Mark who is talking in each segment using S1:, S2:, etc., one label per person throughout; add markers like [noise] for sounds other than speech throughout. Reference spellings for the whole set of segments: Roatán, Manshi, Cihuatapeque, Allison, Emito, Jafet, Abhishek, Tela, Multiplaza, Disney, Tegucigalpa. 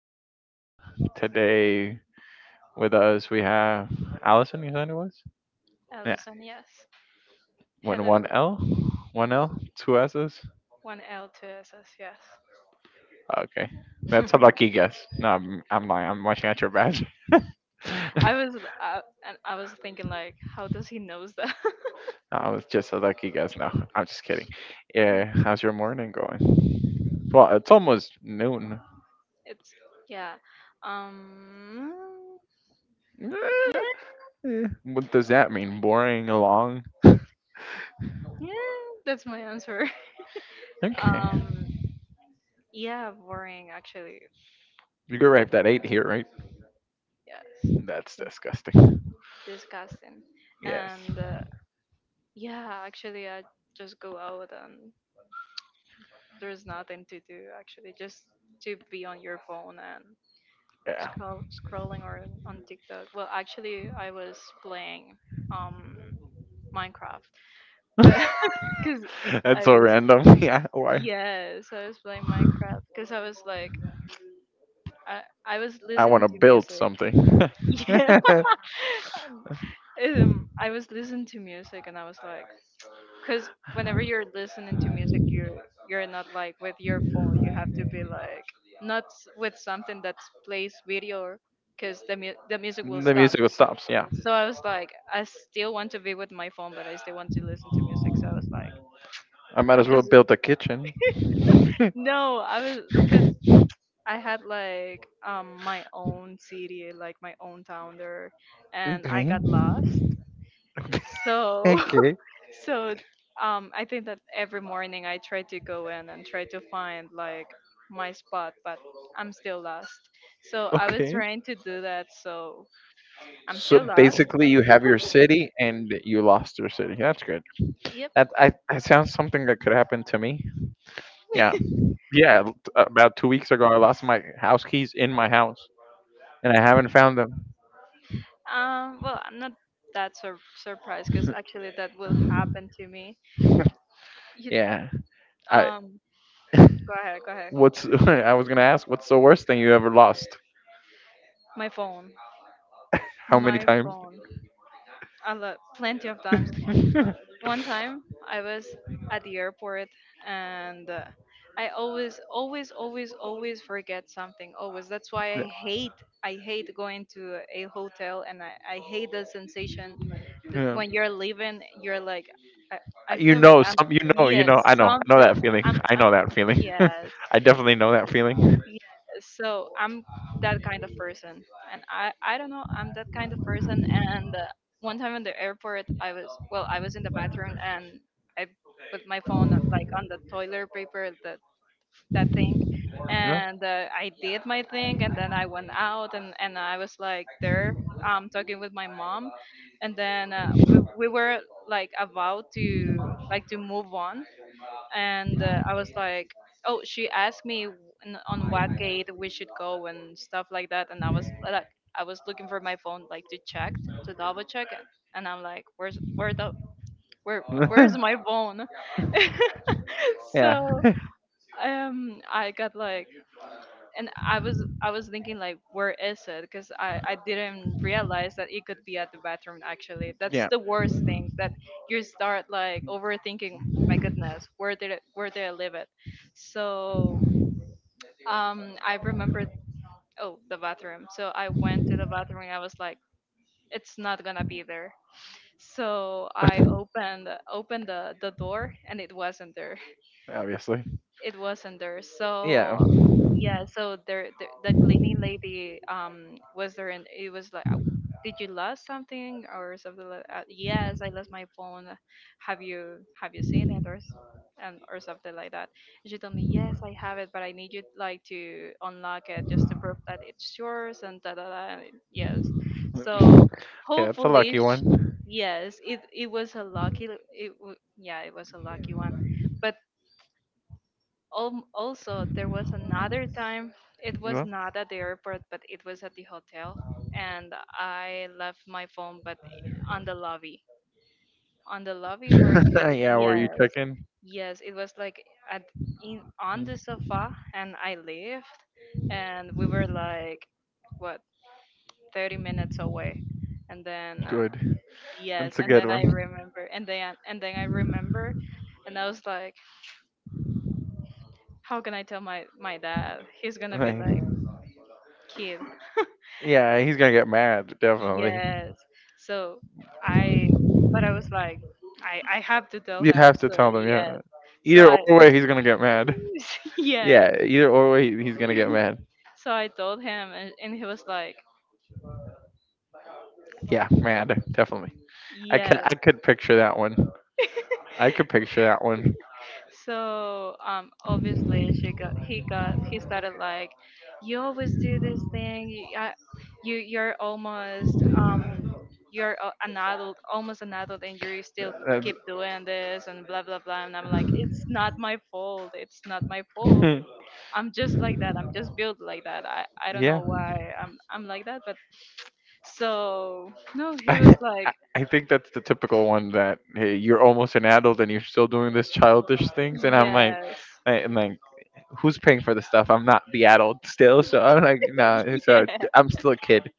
S1: episode. Today with us we have Allison, you said it was? Yeah.
S2: Ellison, yes.
S1: When one
S2: Hello.
S1: L? One L? Two S's?
S2: One L, two S's, yes.
S1: Okay. That's a
S2: [laughs]
S1: lucky guess. No, I'm lying. I'm watching at your badge. [laughs]
S2: I was And I was thinking like, how does he knows that? [laughs]
S1: I was just a lucky guess. No, I'm just kidding. Yeah,
S2: Mm,
S1: how's your morning going? Well, it's almost noon.
S2: it's Yeah. Um.
S1: Eh,
S2: Yeah.
S1: What does that mean? Boring, long?
S2: Yeah. That's my answer. [laughs]
S1: Okay.
S2: Um. Yeah. Boring, actually.
S1: You're
S2: Mm,
S1: right. That eight here, right?
S2: Yes.
S1: That's
S2: Since
S1: disgusting.
S2: Disgusting.
S1: Yes.
S2: And Yeah, actually, I just go out and there's nothing to do. Actually, just to be on your phone and
S1: Yeah.
S2: scrolling or on TikTok. Well, actually, I was playing um Minecraft, [laughs] but
S1: [laughs]
S2: because I
S1: That's so
S2: was
S1: random. [laughs] Yeah. Why?
S2: yes, I was playing Minecraft because I was like I was
S1: I want
S2: listening
S1: to
S2: to
S1: build
S2: music.
S1: something.
S2: [laughs]
S1: [laughs]
S2: Yeah,
S1: The
S2: um, I was listening to music and I was like, because whenever you're listening to music, you're not like with your phone. You have to be like not s- with something that plays video, because the music will stop.
S1: musical stops. Yeah.
S2: So I was like, I still want to be with my phone, but I still want to listen to music. So I was like,
S1: I might
S2: I'm
S1: as well
S2: just
S1: build a kitchen.
S2: no. I was Because
S1: [laughs]
S2: I had like my own city, like my own town there, and I
S1: Okay.
S2: got
S1: [laughs]
S2: lost. So [laughs]
S1: Okay.
S2: so I think that every morning I try to go in and try to find like my spot, but I'm still lost. So I was
S1: Okay.
S2: trying to do that. So I'm
S1: So
S2: still lost.
S1: basically, you have your
S2: [laughs]
S1: city and you lost your city. That's good.
S2: Yep.
S1: That I sounds something that could happen to me. Yeah, yeah. About 2 weeks ago, I lost my house keys in my house, and I haven't found them.
S2: Well, I'm not surprised, because actually that will happen to me.
S1: [laughs]
S2: You,
S1: Yeah. I
S2: um,
S1: [laughs]
S2: Go ahead, go ahead.
S1: what's [laughs] I was gonna ask. What's the worst thing you ever lost?
S2: My phone,
S1: How many
S2: my
S1: times?
S2: phone. Plenty of times.
S1: [laughs] Yeah.
S2: One time I was at the airport and I always, always, always, always forget something. Always. That's why I hate. I hate going to a hotel, and I hate the sensation that
S1: Yeah.
S2: when you're leaving, you're like, I, I
S1: You
S2: feel like
S1: know,
S2: I'm,
S1: some you know, you
S2: yes,
S1: know. I know, I know
S2: something.
S1: that feeling. I
S2: I'm,
S1: know that feeling.
S2: yes.
S1: [laughs] I definitely know that feeling.
S2: Yeah, so I'm that kind of person, and I don't know I'm that kind of person. And One time in the airport, I was well, I was in the bathroom, and I put my phone like on the toilet paper, that thing,
S1: Yeah.
S2: and I did my thing, and then I went out, and I was like there talking with my mom, and then we were like about to like to move on, and I was like, "Oh, she asked me on what gate we should go and stuff like that," and I was like, I was looking for my phone, like to check to double check, and I'm like, "Where's where the where where's my phone?"
S1: [laughs]
S2: [laughs]
S1: yeah.
S2: So
S1: [laughs]
S2: I got like, and I was thinking like, where is it? Because I didn't realize that it could be at the bathroom. Actually, that's
S1: Yeah.
S2: the worst thing, that you start like overthinking, my goodness, where did I leave it? So I remembered, oh, the bathroom. So I went to the bathroom and I was like, it's not gonna be there. So I
S1: [laughs]
S2: opened the door, and it wasn't there.
S1: Obviously.
S2: It wasn't there. Yeah.
S1: Yeah.
S2: So yeah, so there the cleaning lady was there, and it was like, "Oh, did you lost something or something like that? Yes, I lost my phone. Have you seen it and or something like that?" And she told me, yes, I have it, but I need you like to unlock it just to prove that it's yours and da da da. And yes, so
S1: [laughs] Okay, that's a
S2: hopefully.
S1: lucky
S2: Sh
S1: one.
S2: It was a lucky. Yeah, it was a lucky one. But. Also, there was another time. It was
S1: No?
S2: not at the airport, but it was at the hotel,
S1: [laughs]
S2: and I left my phone, but on the lobby, on the lobby where you—
S1: Yeah, were you
S2: yes,
S1: checking?
S2: yes, it was like at in on the sofa, and I left, and we were like what, 30 minutes away, and then
S1: Good.
S2: yes,
S1: That's a
S2: and
S1: good
S2: then I
S1: one.
S2: remember, and then I remember, and I was like, how can I tell my dad? He's gonna be
S1: Like,
S2: like, kid.
S1: yeah, he's gonna get mad, definitely.
S2: Yes. So I, but I was like, I have to tell
S1: You
S2: him.
S1: have to
S2: So
S1: tell them, yeah.
S2: yes. So
S1: Either
S2: I,
S1: or way, he's gonna get mad.
S2: [laughs] yes.
S1: Yeah, either or way, he's gonna get mad.
S2: So I told him, and he was like,
S1: Yeah, mad, definitely. I could,
S2: yes.
S1: I could picture that one. I could picture that one.
S2: So obviously she got he started like, you always do this thing. You're almost an adult, almost an adult, and you're still
S1: That's
S2: keep doing this and blah blah blah, and I'm like, it's not my fault, it's not my fault,
S1: [laughs]
S2: I'm just like that, I'm just built like that, I don't
S1: yeah.
S2: know why I'm like that. But so no, he was
S1: I,
S2: like,
S1: I think that's the typical one that hey, you're almost an adult and you're still doing this childish things, and
S2: yes.
S1: am like, who's paying for this stuff? I'm not the adult still, so I'm like, no, nah,
S2: [laughs]
S1: so
S2: Yeah,
S1: I'm still a kid.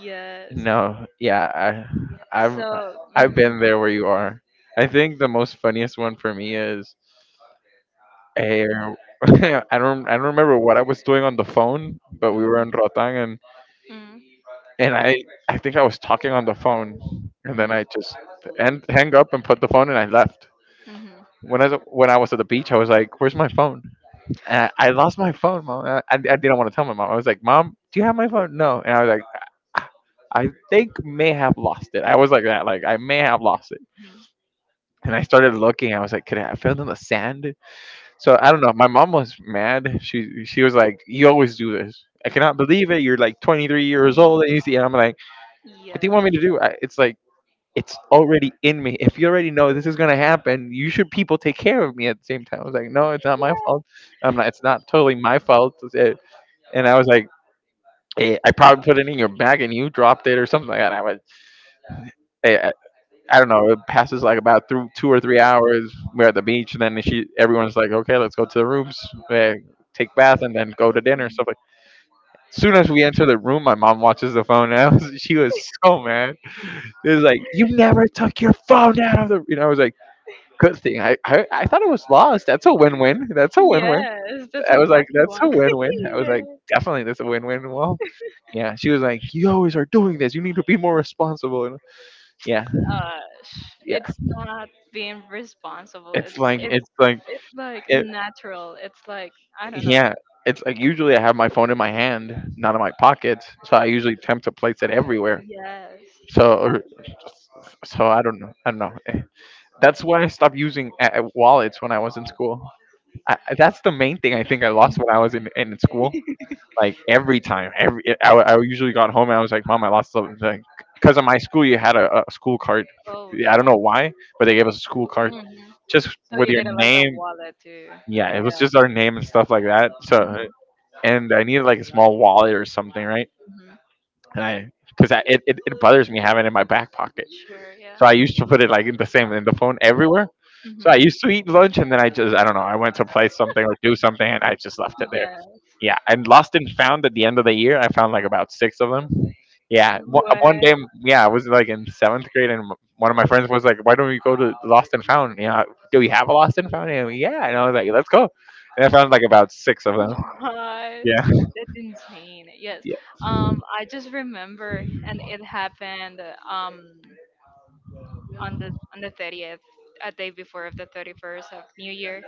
S2: yes.
S1: No, yeah, I've
S2: So
S1: I've
S2: mhm,
S1: been there where you are. I think the most funniest one for me is. Uh, [laughs] I don't remember what I was doing on the phone, but we were
S2: mhm,
S1: in Rotang, and
S2: mhm,
S1: and I I think I was talking on the phone, and then
S2: mhm,
S1: I just and hang up and put the phone and I left.
S2: mhm, mhm,
S1: When I was at the beach, I was like, "Where's my phone?" And I lost my phone, mom. I didn't want to tell my mom. I was like, "Mom, do you have my phone?" No, and I was like, "Ah, I think may have lost it." I was like that, like I may have lost it. And I started looking. I was like, "Could it have fell in the sand?" So I don't know. My mom was mad. She was like, "You always do this. I cannot believe it. You're like 23 years
S2: mhm.
S1: old and you see." And I'm like, "What do you
S2: Yeah,
S1: want me to do?" It's like it's already in me. If you already know this is gonna happen, you should people take care of me at the same time. I was like, "No, it's not my fault. I'm not. It's not totally my fault." It's it. And I was like. "Eh, I probably put it in your bag and you dropped it or something like that. I, I don't know. It passes like about through 2 or 3 hours. We're at the beach, and then she, everyone's like, "Okay, let's go to the rooms, eh, take bath, and then go to dinner." Stuff like. Soon as we enter the room, my mom watches the phone, and I was, [laughs] she was so mad. It was like, "You never took your phone out of the," you know. I was like, "Good thing." I thought it was lost. That's a win-win. That's a win-win.
S2: yes, that's a
S1: I was like,
S2: lucky
S1: "That's a
S2: one. [laughs]
S1: win-win." I was
S2: Yeah.
S1: like, "Definitely, that's a win-win." Well, yeah. She was like, "You always are doing this. You need to be more responsible." And yeah,
S2: uh
S1: yeah.
S2: it's not being responsible,
S1: It's
S2: it's
S1: like it's like
S2: it's like
S1: it,
S2: natural, it's like I don't know.
S1: Yeah, it's like usually I have my phone in my hand, not in my pocket, so I usually attempt to place it everywhere.
S2: Yes.
S1: So, or- so I don't know. I don't know. That's why I stopped using wallets when I was in school. That's the main thing I think I lost when
S2: Mhm.
S1: I was in school. Like every time, every I usually got home and I was like, "Mom, I lost something." Because of my school, you had a school card.
S2: Oh
S1: I don't
S2: yeah.
S1: know why, but they gave us a school card
S2: Hmm.
S1: just
S2: So
S1: with
S2: you
S1: your
S2: needed like a
S1: name.
S2: wallet too.
S1: Yeah, it was
S2: Yeah.
S1: just our name and stuff like that. So,
S2: Hmm.
S1: and I needed like a small wallet or something, right?
S2: Hmm.
S1: And I, because it bothers me having it in my back pocket.
S2: Sure, yeah.
S1: So I used to put it like in the same in the phone everywhere.
S2: Hmm.
S1: So I used to eat lunch and then I don't know I went to play something or do something and I just left it there.
S2: Yeah,
S1: Yeah, and lost and found at the end of the year I found like about six of them. Yeah, one, one
S2: what,
S1: day yeah I was like in seventh grade and one of my friends was like, "Why don't we go to Lost and Found? Yeah, do we have a Lost and Found?" And yeah, and I was like, "Let's go." And I found like about six of them.
S2: what?
S1: Yeah,
S2: That's insane, yes.
S1: yeah,
S2: I just remember, and it happened um on the 30th, a day before of the 31st of New Year.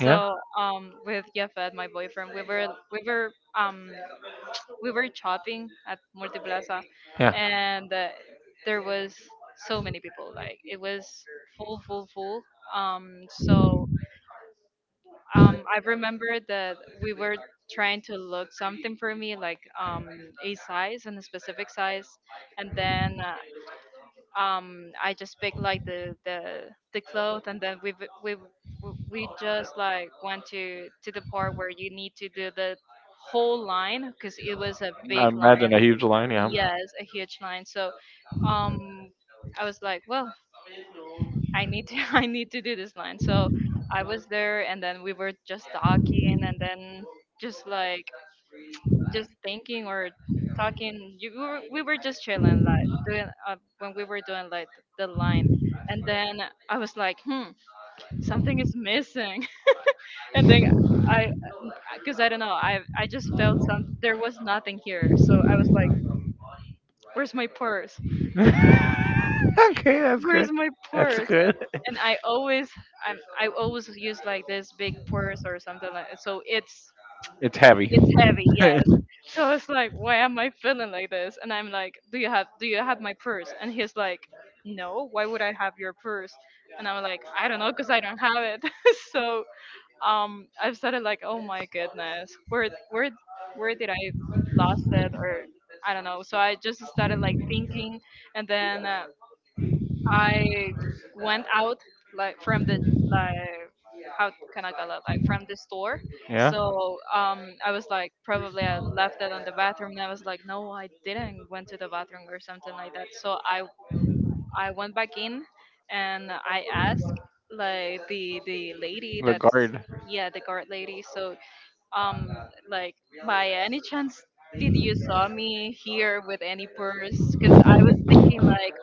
S1: yeah,
S2: So with Jafet, my boyfriend, um, we were shopping at Multiplaza,
S1: yeah.
S2: and there was so many people. Like, it was full, full, full. Um, so I remember that we were trying to look something for me, like a size, and a specific size, and then I just pick like the cloth, and then we we just like went to the part where you need to do the whole line, because it was a
S1: I
S2: big
S1: imagine
S2: line.
S1: a huge line, yeah.
S2: Yes, a huge line. So um I was like, well, I need to [laughs] I need to do this line. So I was there, and then we were just talking, and then just like, just thinking or talking. You, we were just chilling, like doing when we were doing like the line, and then I was like, hmm, something is missing. [laughs] And then I, because I don't know, I just felt, some, there was nothing here, so I was like, where's my purse?
S1: [laughs] Okay, that's good.
S2: Where's my
S1: That's
S2: purse?
S1: good.
S2: And I'm I always use like this big purse or something, like, so it's—
S1: It's heavy.
S2: it's heavy,
S1: [laughs]
S2: yes. So I was like, why am I feeling like this? And I'm like, do you have my purse? And he's like, no. Why would I have your purse? And I'm like, I don't know, cause I don't have it. [laughs] So I've started like, oh my goodness, where did I lost it, or I don't know. So I just started like thinking, and then I went out like from the, like, how can I call it, like from the store.
S1: Yeah,
S2: So I was like, probably I left it on the bathroom, and I was like, no, I didn't went to the bathroom or something like that. So I went back in, and I asked like the lady
S1: the
S2: that's—
S1: guard.
S2: yeah, the guard lady. So um like, by any chance did you saw me here with any purse, because I was thinking like,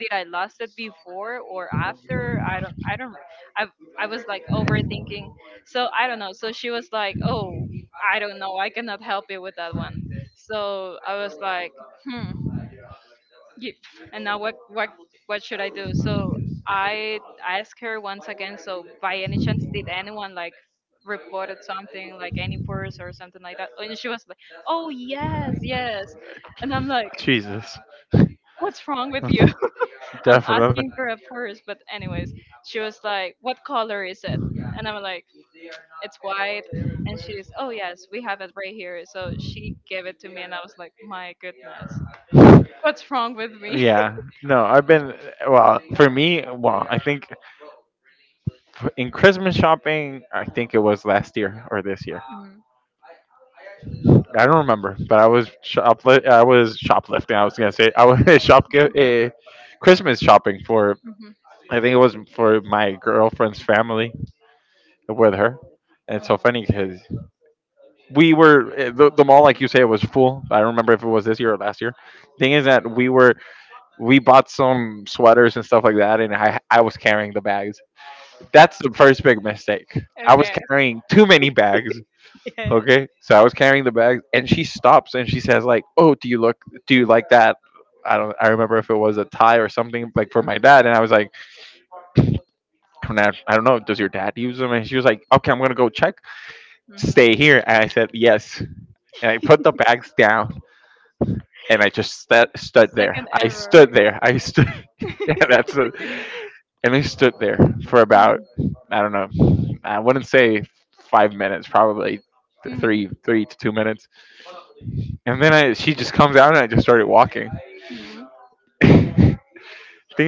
S2: did I lost it before or after? I don't I don't I I was like overthinking. So I don't know. So she was like, "Oh, I don't know. I cannot help you with that one." So I was like, "Hmm." Yep. And now what, what should I do? So I asked her once again, so by any chance did anyone like reported something like any purse or something like that? And she was like, "Oh, yes, yes." And I'm like,
S1: Jesus. [laughs]
S2: "What's wrong with you? I'm
S1: Definitely.
S2: asking for a purse," but anyways, she was like, "What color is it?" And I'm like, "It's white." And she's, "Oh yes, we have it right here." So she gave it to me, and I was like, "My goodness, what's wrong with me?"
S1: Yeah. No, I've been well, for me, well, I think in
S2: [laughs]
S1: Christmas shopping, I think it was last year or this year.
S2: Mhm,
S1: I don't remember, but I was shoplifting. I was gonna say I was [laughs] shop Christmas shopping for.
S2: mhm,
S1: I think it was for my girlfriend's family with her. And it's
S2: mm.
S1: so funny because we were the mall, like you say, it was full. I don't remember if it was this year or last year. Thing is that we bought some sweaters and stuff like that, and I was carrying the bags. That's the first big mistake. I was
S2: Okay.
S1: carrying too many
S2: [laughs]
S1: bags.
S2: Yes.
S1: Okay, so I was carrying the bags, and she stops and she says like, "Oh, do you look? Do you like that?" I don't. I remember if it was a tie or something like for
S2: Mhm,
S1: my dad, and I was like, I don't know. Does your dad use them?" And she was like, "Okay, I'm gonna go check.
S2: mhm.
S1: Stay here." And I said, "Yes," and I put the bags down. And I just sta stood there.
S2: Second
S1: I
S2: error.
S1: stood there. I stood. [laughs] Yeah, that's a,
S2: [laughs]
S1: and I stood there for about I don't know. I wouldn't say 5 minutes, probably
S2: Mm-hmm.
S1: 3 to 2 minutes. And then she just comes out and I just started walking.
S2: Mm-hmm.
S1: [laughs] Thing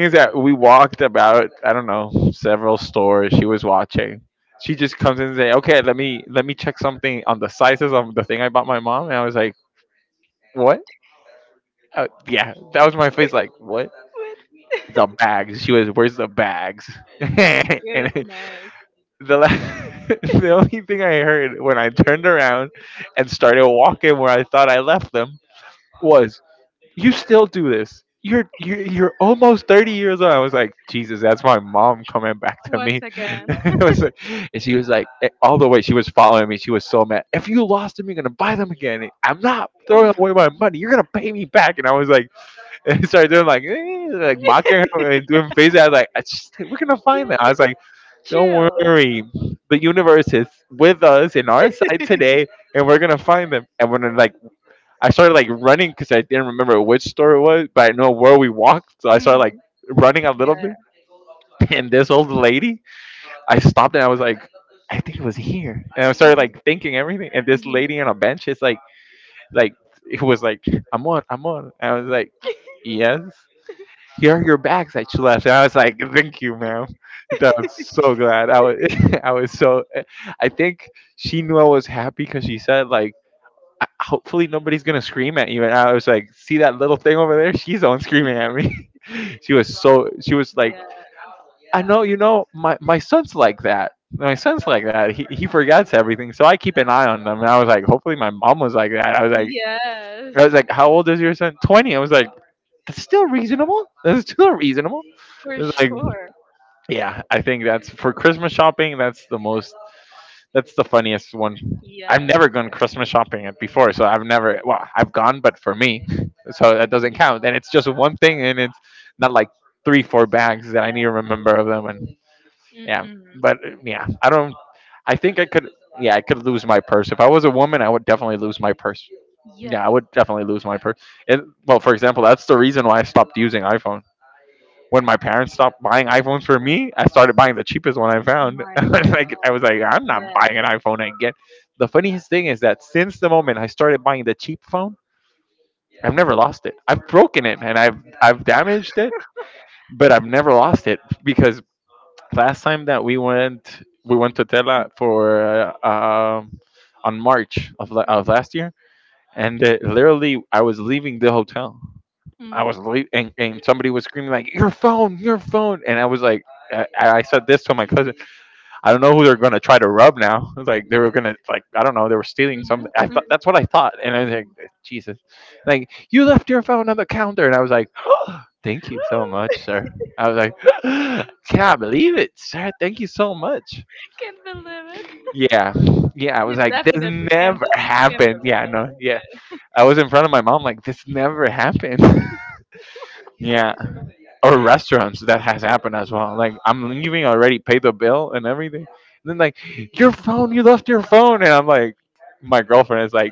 S1: is that we walked about I don't know several stores. She was watching. She just comes in and say, "Okay, let me check something on the sizes of the thing I bought my mom." And I was like, "What?" Yeah, that was my face. Like, what? The
S2: What?
S1: bags. She was, where's the bags? [laughs]
S2: [laughs] My
S1: And
S2: goodness.
S1: the la- [laughs] the only thing I heard when I turned around and started walking where I thought I left them was, you still do this. You're almost 30 years old. I was like, Jesus, that's my mom coming back to
S2: Once
S1: me. [laughs]
S2: again.
S1: It was like- and she was like, all the way she was following me. She was so mad. If you lost them, you're gonna buy them again.
S2: [laughs]
S1: I'm not throwing
S2: Oh.
S1: away my money. You're gonna pay me back. And I was like. [laughs] And started doing like like mocking her and
S2: [laughs]
S1: doing faces. I was like, I just, like, we're gonna find them. I was
S2: Yeah.
S1: like, don't
S2: Chill.
S1: worry, the universe is with us in our side today, and we're gonna find them. And when like I started like running because I didn't remember which store it was, but I know where we walked, so I started like
S2: Mm-hmm.
S1: running a
S2: Yeah.
S1: little bit.
S2: Hmm.
S1: And this old lady, I stopped and I was like, I think it was here. And I started like thinking everything. And this
S2: Hmm.
S1: lady on a bench is like it was like, I'm on, I'm on. And I was like, yes here are your bags that you left. And I was like, thank you, ma'am. I was so glad. I was, [laughs] I was so, I think she knew I was happy because she said, like, "I- hopefully nobody's going to scream at you. And I was like, see that little thing over there? She's the one screaming at me. [laughs] She was like,
S2: Yeah.
S1: I know, my son's like that. My son's like that. He forgets everything. So I keep an eye on them. And I was like, hopefully my mom was like that.
S2: Yes.
S1: I was like, how old is your son? 20. I was like, that's still reasonable. That's still reasonable.
S2: For
S1: It's
S2: sure.
S1: Yeah, I think that's for Christmas shopping. That's the most. That's the funniest one.
S2: Yeah.
S1: I've never gone Christmas shopping at before, so I've never. Well, I've gone, but for me, so that
S2: Hmm.
S1: doesn't count. And it's just one thing, and it's not like three, four bags that I need to
S2: Yeah.
S1: remember of them. And yeah,
S2: Mm-mm.
S1: but yeah, I don't. I think I could. Yeah, I could lose my purse if I was a woman. I would definitely lose my purse.
S2: Yes,
S1: Yeah, I would definitely lose my purse. And well, for example, that's the reason why I stopped using iPhone when my parents stopped buying iPhones for me, I started buying the cheapest one I found. [laughs]
S2: my grandma.
S1: I was like, I'm not
S2: Yes.
S1: buying an iPhone again. The funniest thing is that since the moment I started buying the cheap phone, I've never lost it. I've broken it and I've damaged it, but I've never lost it because last time that we went to Tela for on March of last year, and literally I was leaving the hotel. I was
S2: Mm-hmm.
S1: leaving, and, somebody was screaming like, "Your phone, your phone!" And I was like, I said this to my cousin. I don't know who they're gonna try to rub now. [laughs] Like they were gonna like I don't know. They were stealing something. I
S2: Mm-hmm.
S1: thought that's what I thought. And I was like,
S2: Mm-hmm.
S1: Jesus, like you left your phone on the counter, and I was like, [gasps] thank you so much,
S2: [laughs]
S1: sir. I was like, [gasps] can't believe it, sir. Thank you so much.
S2: Can't believe it.
S1: Yeah, yeah. I was
S2: You
S1: like, this
S2: definitely can't,
S1: never
S2: can't
S1: happened.
S2: believe
S1: Yeah, no, yeah.
S2: it.
S1: I was in front of my mom like this never happened. [laughs] yeah. Or restaurants that has happened as well. Like I'm leaving I already pay the bill and everything. And then like your phone, you left your phone, and I'm like, my girlfriend is like,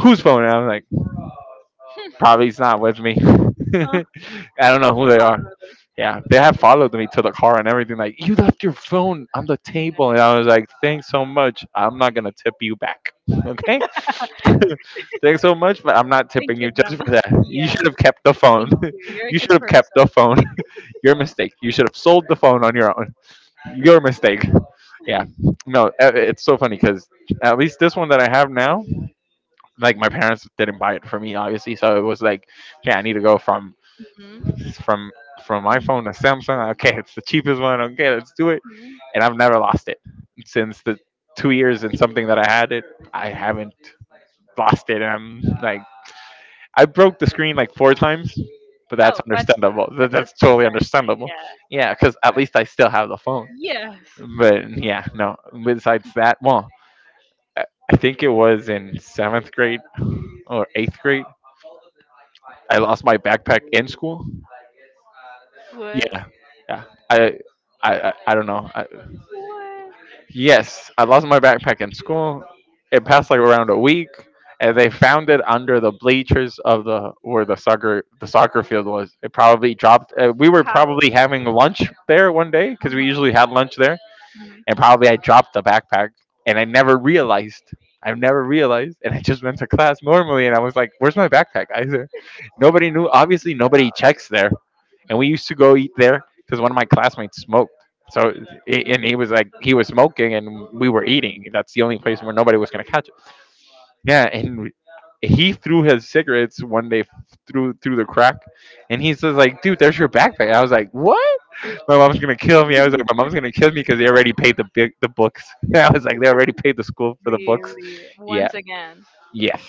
S1: whose phone? And I'm like, probably it's not with me. [laughs]
S2: Yeah.
S1: I don't know who
S2: [laughs]
S1: they are.
S2: Probably.
S1: Yeah, they have followed me to the car and everything. Like you left your phone on the table, and
S2: No.
S1: I was like, thanks so much. I'm not gonna tip you back. [laughs] Okay, thanks so much, but I'm not
S2: Thank
S1: tipping
S2: you,
S1: you
S2: but.
S1: just for
S2: [laughs]
S1: that.
S2: Yes.
S1: You should have kept the phone.
S2: Thank you. You're
S1: [laughs]
S2: a
S1: you should
S2: good
S1: have kept
S2: person.
S1: the phone. Your mistake. You should have sold the phone on your own. Your mistake. Yeah. No, it's so funny because at least this one that I have now, like my parents didn't buy it for me, obviously. So it was like, okay, I need to go
S2: Mm-hmm.
S1: from from
S2: Mm-hmm.
S1: iPhone to Samsung. Okay, it's the cheapest one. Okay, let's do it.
S2: Hmm.
S1: And I've never lost it since the two years and something that I had it. I haven't lost it. And I'm like, I broke the screen like four times, but that's
S2: Oh, that's a—
S1: understandable. That, that's totally
S2: different
S1: understandable.
S2: thing.
S1: Yeah, because at least I still have the phone.
S2: Yeah. Yes.
S1: But yeah, no. Besides that, well, I I think it was in seventh grade or eighth grade. I lost my backpack in school.
S2: What?
S1: Yeah, yeah. I, I don't know.
S2: What?
S1: Yes, I lost my backpack in school. It passed like around a week, and they found it under the bleachers of the where the soccer field was. It probably dropped. We were
S2: How?
S1: probably having lunch there one day because we
S2: Uh-huh.
S1: usually had lunch there
S2: Mhm.
S1: and probably I dropped the backpack and I never realized. I never realized, and I just went to class normally, and I was like, "Where's my backpack?" I said, nobody knew. Obviously, nobody checks there, and we used to go eat there because one of my classmates smoked. So, and he
S2: Mm.
S1: was like, he was smoking, and we were
S2: Mhm.
S1: eating. That's the only place
S2: Yeah,
S1: where nobody was gonna catch yeah, and he threw his cigarettes one day through the crack, and he says like, "Dude, there's your backpack." I was like, "What?" My mom's gonna kill me. I was like, "My mom's gonna kill me because they already paid the books." [laughs] I was like, "They already paid the school for the books."
S2: really.
S1: Yeah.
S2: Once again,
S1: Yes.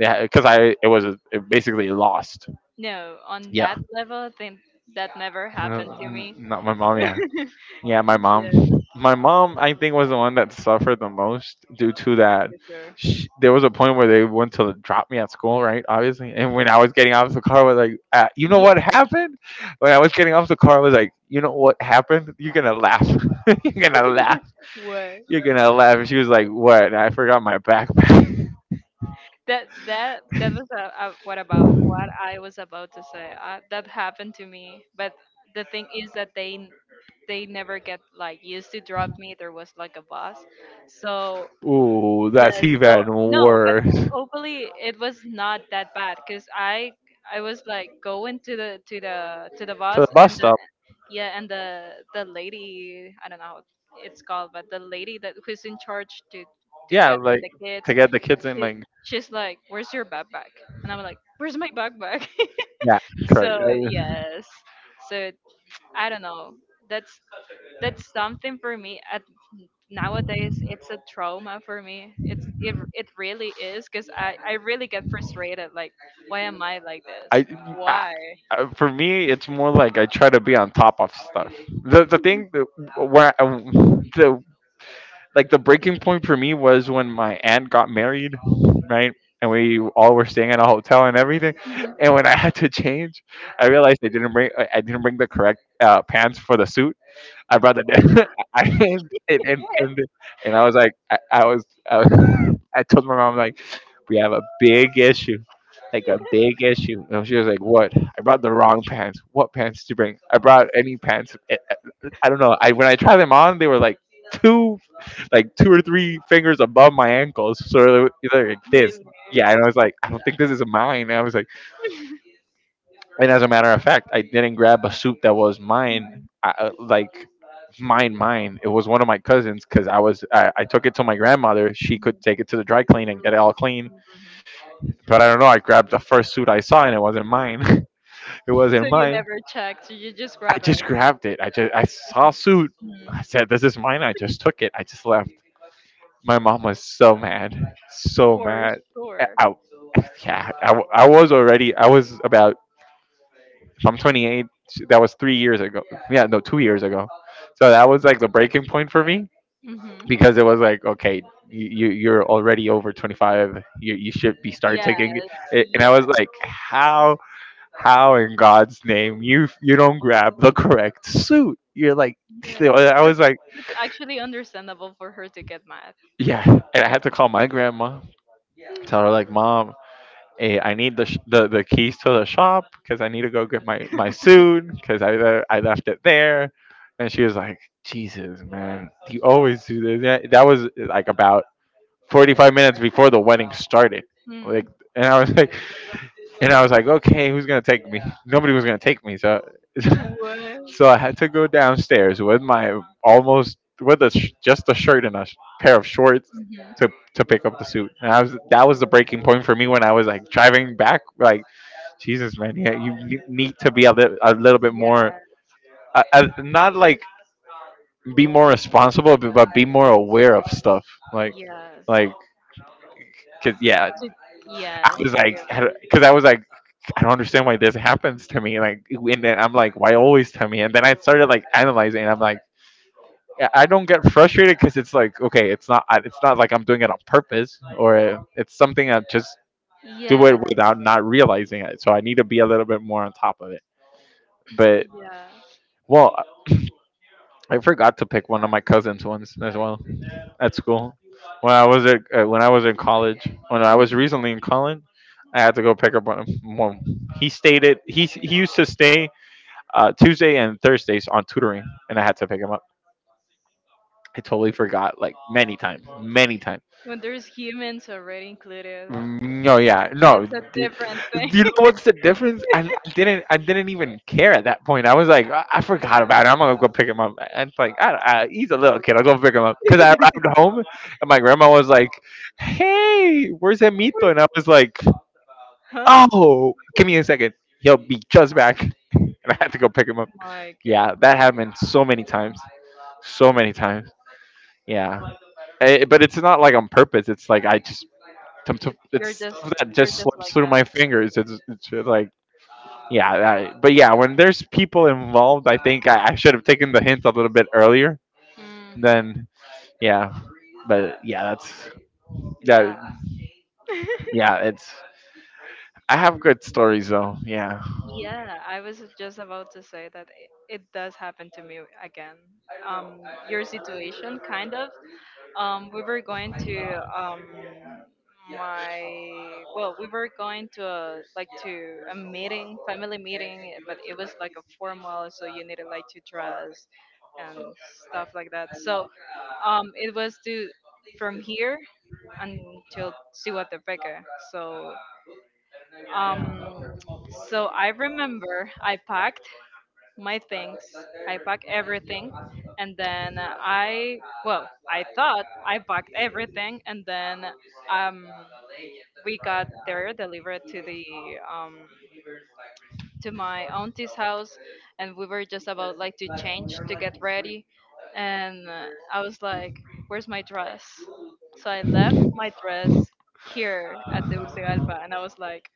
S1: Yeah, because I it was a, basically lost.
S2: no, on
S1: Yeah.
S2: that level, I think that never happened to me.
S1: Not my mom. Yeah. Yeah, my
S2: Yeah,
S1: mom. My mom, I think, was the one that suffered the most due to that.
S2: for sure.
S1: There was a point where they went to drop me at school, right? Obviously, and when I was getting off the car, I was like, "You know
S2: Yeah,
S1: what happened?" When I was getting off the car, I was like, "You know what happened? You're gonna laugh. [laughs] You're gonna laugh.
S2: what?
S1: You're gonna laugh." And she was like, "What?" I forgot my backpack.
S2: That was what I was about to say. That happened to me, but the thing is that they never get like used to drop me. There was like a bus, so—
S1: [laughs] Ooh, that's
S2: yes. So
S1: even
S2: no, but
S1: worse.
S2: hopefully it was not that bad because I was like going to the to the
S1: To
S2: bus
S1: the bus.
S2: yeah, and the lady, I don't know how it's called, but the lady that who's in charge to
S1: Yeah,
S2: get like
S1: like
S2: the kids,
S1: to get the kids in,
S2: she
S1: like
S2: she's like, "Where's your backpack?" And I'm like, "Where's my backpack?"
S1: yeah,
S2: [laughs]
S1: correct.
S2: So yes. So I don't know, that's that's something for me at nowadays. It's a trauma for me. It really is because I really get frustrated like, why am I like this?
S1: I
S2: Why?
S1: For me, it's more like I try to be on top of stuff. The thing that, where I, the Like the breaking point for me was when my aunt got married, right? And we all were staying in a hotel and everything.
S2: Mhm.
S1: And when I had to [laughs] change, I realized I didn't bring the correct pants for the suit. I brought the dad. [laughs] I
S2: Why?
S1: and I was like, I was, [laughs] I told my mom like, we have a big issue, like a
S2: [laughs]
S1: big issue. And she was like, what? I brought the wrong pants. What pants did you bring? I brought any pants. I don't know. I when I tried them on, they were like two, like two or three fingers above my ankles. So they were like this.
S2: Really?
S1: Yeah, and I was like, I don't think this is mine. And I was like. And as a matter of fact, I didn't grab a suit that was mine.
S2: Mhm.
S1: I, like mine. It was one of my cousins because I took it to my grandmother. She could
S2: Mhm.
S1: take it to the dry clean and get it all clean.
S2: Mhm.
S1: But I don't know. I grabbed the first suit I saw and it wasn't mine. [laughs] it
S2: So
S1: wasn't
S2: you
S1: mine.
S2: never checked, you just
S1: I
S2: grab it?
S1: just grabbed it. I saw a suit.
S2: Mhm.
S1: I said, "This is mine." I just took it. I just left. My mom was so mad, so
S2: For
S1: mad. I,
S2: sure.
S1: I- yeah, I was already. I was about. If I'm 28, that was three years ago. Yeah, no, two years ago. So that was like the breaking point for me
S2: Hmm.
S1: because it was like okay you're already over 25, you should be start taking
S2: Yes.
S1: it. And
S2: Yeah.
S1: I was like, how in God's name you you don't grab the correct suit? You're like [laughs]
S2: Yes,
S1: I was like,
S2: it's actually understandable for her to get mad.
S1: yeah. And I had to call my grandma, tell her like, mom, hey, I need the keys to the shop because I need to go get my suit because I left it there. And she was like, Jesus, man, you always do this. That was like about 45 minutes before the wedding started. Like,
S2: Mhm.
S1: and I was [laughs] like, and I was like, okay, who's gonna take me? Nobody was gonna take me, so [laughs] so I
S2: What?
S1: had to go downstairs with my almost with just a shirt and pair of shorts
S2: Mhm.
S1: to to pick up the suit. And I was that was the breaking point for me when I was like driving back. Like, Jesus, man, yeah, need to be a little bit more,
S2: Yeah.
S1: not like be more responsible, but be more aware of stuff. Like,
S2: Yes.
S1: like, cause yeah,
S2: To,
S1: I
S2: yes.
S1: was
S2: To
S1: like, because I was like, I don't understand why this happens to me. Like, and then I'm like, why always to me? And then I started like analyzing, and I'm like, I don't get frustrated because it's like, okay, it's not, it's not like I'm doing it on purpose, or it's something I just do
S2: yes.
S1: it without not realizing it. So I need to be a little bit more on top of it. But
S2: [clears throat] Yes.
S1: well, I forgot to pick one of my cousins once as well. At school. When I was at when I was in college, when I was
S2: Hmm.
S1: recently in college, I had to go pick up one. He used to stay Tuesday and Thursdays on tutoring, and I had to pick him up. I totally forgot like many times, many times.
S2: When there's humans already included,
S1: Mm, no, yeah, no.
S2: that's a
S1: d-
S2: different
S1: Do you know
S2: thing. [laughs]
S1: what's the difference? I didn't even care at that point. I was like, I forgot
S2: Yeah.
S1: about it. I'm gonna go pick him up. And it's like, I, don't- I, he's a little kid. I'll go pick him up because I arrived home and my grandma was like, "Hey, where's Emito?" And I was like,
S2: Huh?
S1: "Oh, give me a second. He'll be just back." [laughs] And I had to go pick him up.
S2: My
S1: Yeah, that
S2: goodness.
S1: happened so many times, so many times. Yeah, but it's not like on purpose. It's like I just Tum-
S2: It-
S1: tum-
S2: You're
S1: it's
S2: just
S1: stuff that
S2: you're
S1: just
S2: just
S1: slips
S2: like
S1: through
S2: that.
S1: my fingers. It's just like, yeah, but yeah, when there's people involved, I think I should have taken the hint a little bit earlier.
S2: Hmm.
S1: Then, yeah, but yeah, that's
S2: Yeah.
S1: that.
S2: [laughs]
S1: Yeah, it's. I have good stories though. Yeah.
S2: Yeah, I was just about to say that it does happen to me again. Um, your situation, kind of. We were going to my, well, we were going to a, like to a meeting, family meeting, but it was like a formal, so you needed like to dress and stuff like that. So it was to from here until Cihuatapeque. So um, so I remember I packed my things. I packed everything, and then I, well, I thought I packed everything, and then um, we got there delivered to the um, to my auntie's house, and we were just about like to change to get ready, and I was like, "Where's my dress?" So I left my dress here at the Tegucigalpa, and I was like,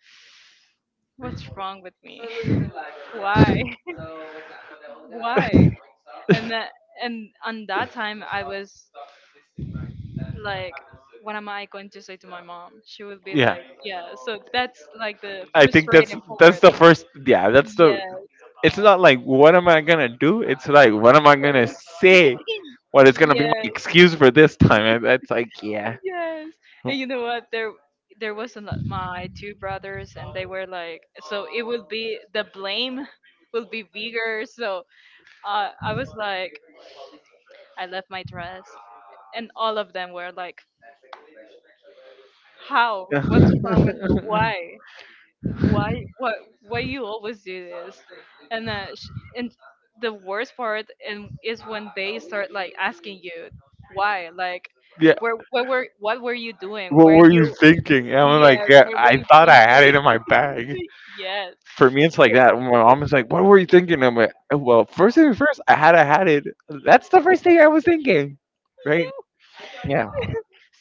S2: "What's wrong with me? [laughs] Why? [laughs] Why?" and that and on that time I was like, what am I going to say to my mom? She would
S1: [laughs]
S2: be
S1: Yeah.
S2: like, yeah. So that's like the
S1: I think that's
S2: frustrating
S1: that's
S2: part.
S1: the first. Yeah, that's the.
S2: Yes.
S1: It's not like what am I gonna do. It's like what am I
S2: What I
S1: gonna
S2: would [laughs]
S1: say.
S2: say.
S1: What is gonna be my
S2: Yes.
S1: excuse for this time? And That's like yeah.
S2: Yes. And you know what, there was a, my two brothers and they were like, so it would be the blame will be bigger. So I was like, I left my dress, and all of them were like, how,
S1: [laughs]
S2: what's wrong
S1: Yeah.
S2: with you? Why? Why? What why you always do this? and that sh- and the worst part and is when they start like asking you why, like, where what were you doing?
S1: What
S2: Weren't
S1: were you
S2: you?
S1: thinking? And I'm like,
S2: Yes.
S1: yeah,
S2: Where were
S1: I
S2: you
S1: thought I had
S2: thinking?
S1: it in my bag.
S2: [laughs] Yes.
S1: For me, it's like that. My mom is like, "What were you thinking?" I'm like, "Oh, well, first thing first, I had it. That's the first thing I was thinking, right?" Yeah,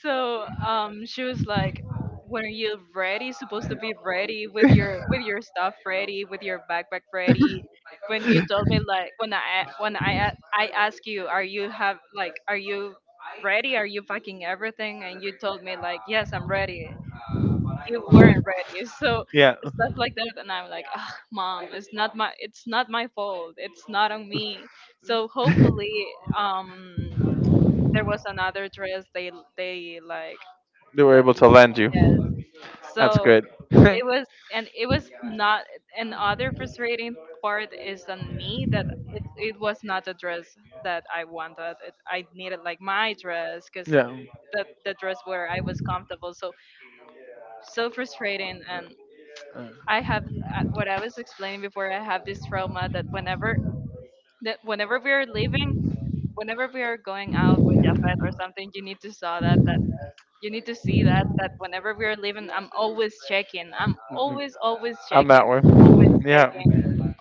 S2: So she was like, "When are you ready? You're supposed to be ready
S1: [laughs]
S2: with your stuff ready, with your backpack ready." When you told me like, I asked you, "Are you have like, are you ready? Are you packing everything?" And you told me like, "Yes, I'm ready." You weren't ready. [laughs] So
S1: yeah.
S2: stuff like that, and I'm like, "Ah, mom, it's not my fault. It's not on me." So hopefully, um, there was another dress they like.
S1: They were
S2: Le-
S1: able to land you.
S2: yes.
S1: That's
S2: So
S1: good. [laughs] Yeah.
S2: it was, and it was not. And other frustrating part is on me that it was not the dress that I wanted. It, I needed like my dress because the dress where I was comfortable. So so frustrating. And
S1: Uh,
S2: I have what I was explaining before. I have this trauma that whenever we are leaving. Whenever we are going out with Jafet or something, you need to see that that whenever we are leaving, I'm always checking. I'm
S1: mm,
S2: always, always
S1: I'm that
S2: checking.
S1: way.
S2: Always
S1: Yeah.
S2: checking.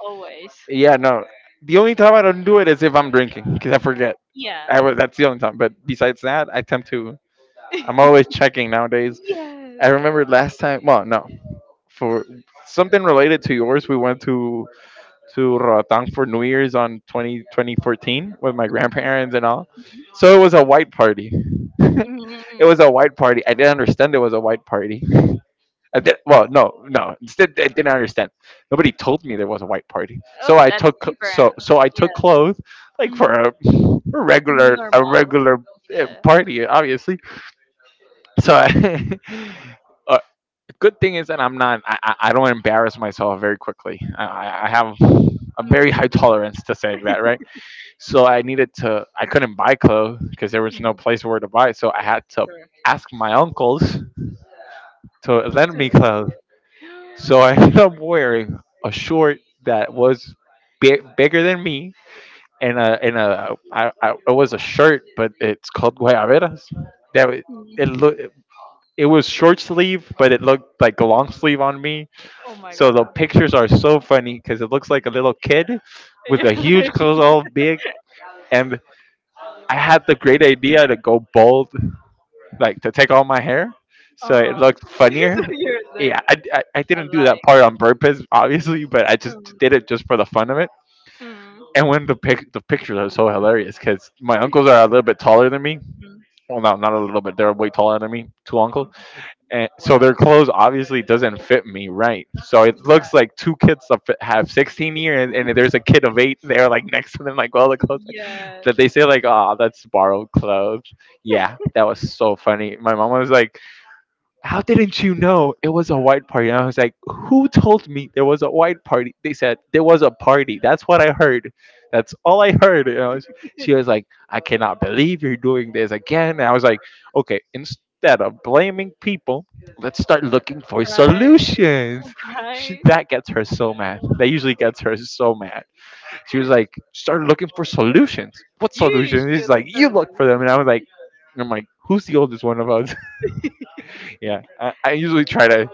S2: Always.
S1: Yeah, no. The only time I don't do it is if I'm drinking, because I forget.
S2: Yeah.
S1: I was, that's the only time. But besides that, I tend to. I'm always checking nowadays. I
S2: Yes.
S1: remember last time. Well, no, for something related to yours, we went to Roatán for New Year's on 20 2014 with my
S2: Mhm,
S1: grandparents and all. So it was a white party. [laughs] It
S2: mhm.
S1: was a white party. I didn't understand it was a white party. I did well. No, no, I didn't understand. Nobody told me there was a white party. So
S2: Oh, that's different.
S1: I
S2: Yeah.
S1: took clothes like for
S2: Mhm.
S1: a, a
S2: Normal.
S1: regular
S2: Yeah.
S1: party, obviously. So I, [laughs] good thing is that I'm not. I don't embarrass myself very quickly. I have a
S2: Mm.
S1: very high [laughs] tolerance to saying that, right? So I needed to. I couldn't buy clothes because there was no
S2: Mhm.
S1: place where to buy. So I had to
S2: Sure.
S1: ask my uncles to lend
S2: To
S1: me
S2: love
S1: clothes. So I [laughs]
S2: you.
S1: ended
S2: [gasps]
S1: up wearing a short that was big, bigger than me, and a, it was a shirt, but it's called guayaberas. That wa-
S2: Mhm.
S1: it look It was short sleeve, but it looked like a long sleeve on me.
S2: Oh my
S1: So the
S2: god. [laughs]
S1: pictures are so funny because it looks like a little kid with a
S2: You're
S1: huge
S2: like,
S1: clothes all big. And I had the great idea to go bald, like to take all my hair, so
S2: uh
S1: it
S2: huh.
S1: looked
S2: [laughs] So
S1: funnier.
S2: you look
S1: Yeah, I didn't do that
S2: alike.
S1: part on purpose, obviously, but I just did
S2: Mm,
S1: it just for the fun of it.
S2: mm,
S1: And when the pictures are so hilarious because my uncles are a little bit taller than me.
S2: mm,
S1: Well, no, not a little bit. They're way taller than me. Two uncles,
S2: mm.
S1: and so their
S2: Wow.
S1: clothes obviously doesn't fit me right. So it looks
S2: Yeah.
S1: like two have 16 years, and there's a kid of eight there, like next to them, like all the clothes
S2: Yes.
S1: that they say, like, "Oh, that's borrowed clothes." Yeah, that was so funny. My mom was like, how didn't you know it was a white party? And I was like, who told me there was a white party? They said there was a party. That's what I heard. That's all I heard. And I was, she was like, I cannot believe you're doing this again. And I was like, okay, instead of blaming people, let's start looking for
S2: Right.
S1: solutions. She,
S2: Right.
S1: that gets her so mad. That usually gets her so mad. She was like, start looking for solutions. What
S2: You
S1: solutions? She's
S2: should
S1: like, you
S2: certainly.
S1: look for them. And I was like, I'm like, who's the oldest one of us? Yeah, I usually try to.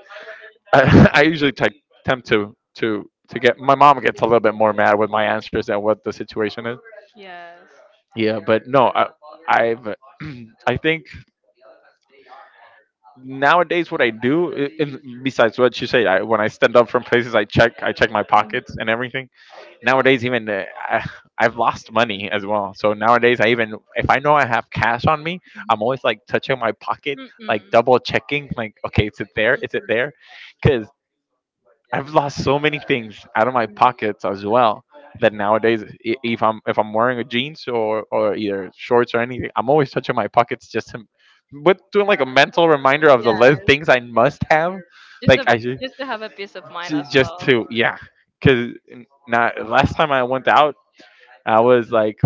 S1: [laughs] I usually attempt to get. My mom gets a little bit more mad with my answers and what the situation is.
S2: Yes.
S1: Yeah, but no, I, I've. [clears throat] I think nowadays what I do, besides what you say, I, when I stand up from places, I check my pockets
S2: Mm,
S1: and everything nowadays even I've lost money as well, so nowadays I, even if I know I have cash on me,
S2: mhm.
S1: I'm always like touching my pocket, like
S2: Mm-mm.
S1: double checking, like okay, is it there, is it
S2: Mm-mm.
S1: there, because I've lost so many things out of my pockets as well, that nowadays if I'm wearing a jeans or either shorts or anything, I'm always touching my pockets just to,
S2: Mm.
S1: but doing like a mental reminder of the list
S2: Yes.
S1: things I must have,
S2: Just
S1: like
S2: a,
S1: I should,
S2: just to have a peace of mind as
S1: just
S2: well.
S1: to, yeah, because not last time I went out I was like,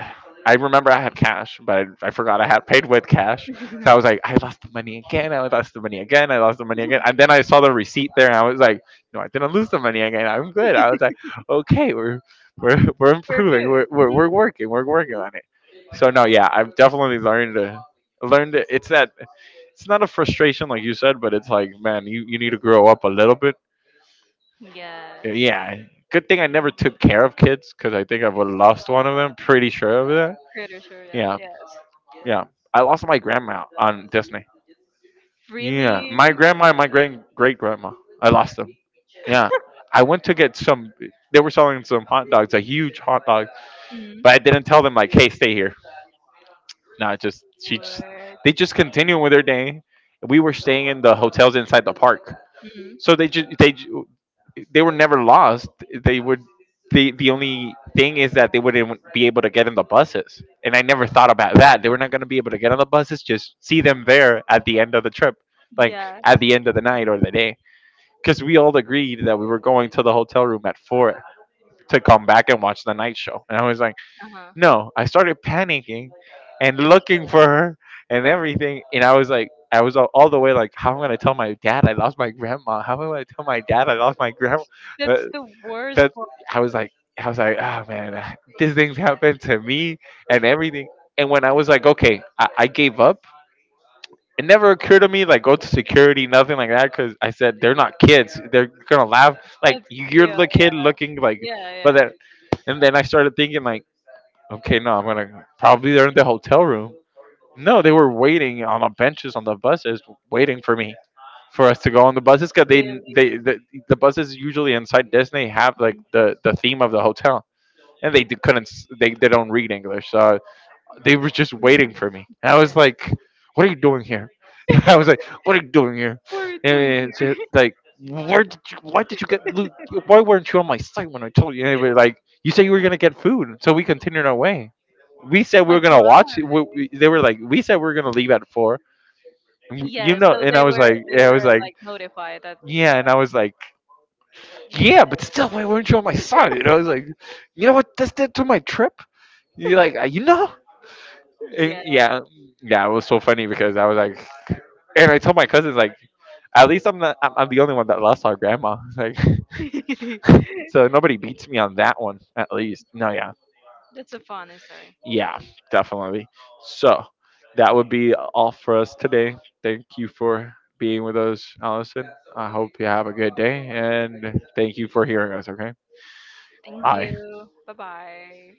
S1: [sighs] I remember I had cash, but I forgot I had paid with
S2: [laughs]
S1: cash. So I was
S2: We're
S1: like, I lost the money again. I lost the money again. I lost the money again. And then I saw the receipt there, and I was like, no, I didn't lose the money again. I'm good. I was like, okay, we're [laughs] we're improving.
S2: good. Mm.
S1: We're working. We're working on it. So no, yeah, I've definitely learned to learned it. It's that it's not a frustration like you said, but it's like, man, you need to grow up a little bit.
S2: Yes.
S1: Yeah, good thing I never took care of kids because I think I would have lost one of them. Pretty sure of that.
S2: Pretty sure. Yeah,
S1: Yeah,
S2: yes.
S1: yeah. I lost my grandma on Disney. Yeah,
S2: Really.
S1: my grandma and my great great grandma. I lost them. Yeah, I went to get some. They were selling some hot dogs, a huge hot dog,
S2: Mm.
S1: but I didn't tell them like, "Hey, stay here." No, just she just
S2: Word.
S1: they just continued with their day. We were staying in the hotels inside the park,
S2: Mm.
S1: so they just they were never lost. They were the only thing is that they wouldn't be able to get in the buses. And I never thought about that. They were not going to be able to get on the buses. Just see them there at the end of the trip, like
S2: Yes.
S1: at the end of the night or the day, because we all agreed that we were going to the hotel room at 4 to come back and watch the night show. And I was like,
S2: Mhm.
S1: no. I started panicking and looking for her and everything. And I was like. I was all the way like, how am I gonna tell my dad I lost my grandma? How am I gonna tell my dad I lost my grandma? Uh,
S2: That's the worst
S1: that
S2: one,
S1: I was like, I was like, oh man, these things happen to me and everything. And when I was like, okay, I gave up. It never occurred to me like go to security, nothing like that, because I said they're not kids. They're gonna laugh. Like
S2: but
S1: you're
S2: still,
S1: the
S2: yeah,
S1: kid looking like,
S2: yeah,
S1: but
S2: yeah.
S1: then, and then I started thinking like, okay, no, I'm gonna probably they're in the hotel room. No, they were waiting on the benches on the buses, waiting for me, for us to go on the buses, because they
S2: Really.
S1: the, the buses usually inside Disney have like
S2: Mhm.
S1: the theme of the hotel and they d- couldn't s- they don't read english, so they were just waiting
S2: [laughs]
S1: for me and I
S2: Yeah.
S1: was like, what are you doing here? [laughs] I was like, what are you doing here?
S2: What are you
S1: And
S2: doing
S1: it's just
S2: here?
S1: like, where did you why did you get why weren't you on my site when I told you? And they were like, you said you were going to get food, so we continued our way.
S2: [laughs] But why?
S1: They were like, we said we were going to leave at four." And you
S2: Yeah,
S1: know,
S2: so
S1: and I was like,
S2: they
S1: and I
S2: were
S1: was like,
S2: like notified that uh,
S1: yeah, and I was like,
S2: yeah,
S1: yeah, but still, why weren't you on my side? And I was like, you know what this did to my trip, you like you know,
S2: yeah.
S1: yeah, yeah, it was so funny because I was like, and I told my cousins like, at least I'm not, I'm the only one that lost our grandma, [laughs] like,
S2: [laughs]
S1: so nobody beats me on that one, at least. No, yeah,
S2: That's a funny story.
S1: yeah, definitely. So that would be all for us today. Thank you for being with us, Allison. I hope you have a good day, and thank you for hearing us. Okay,
S2: Thank you.
S1: bye.
S2: Bye bye.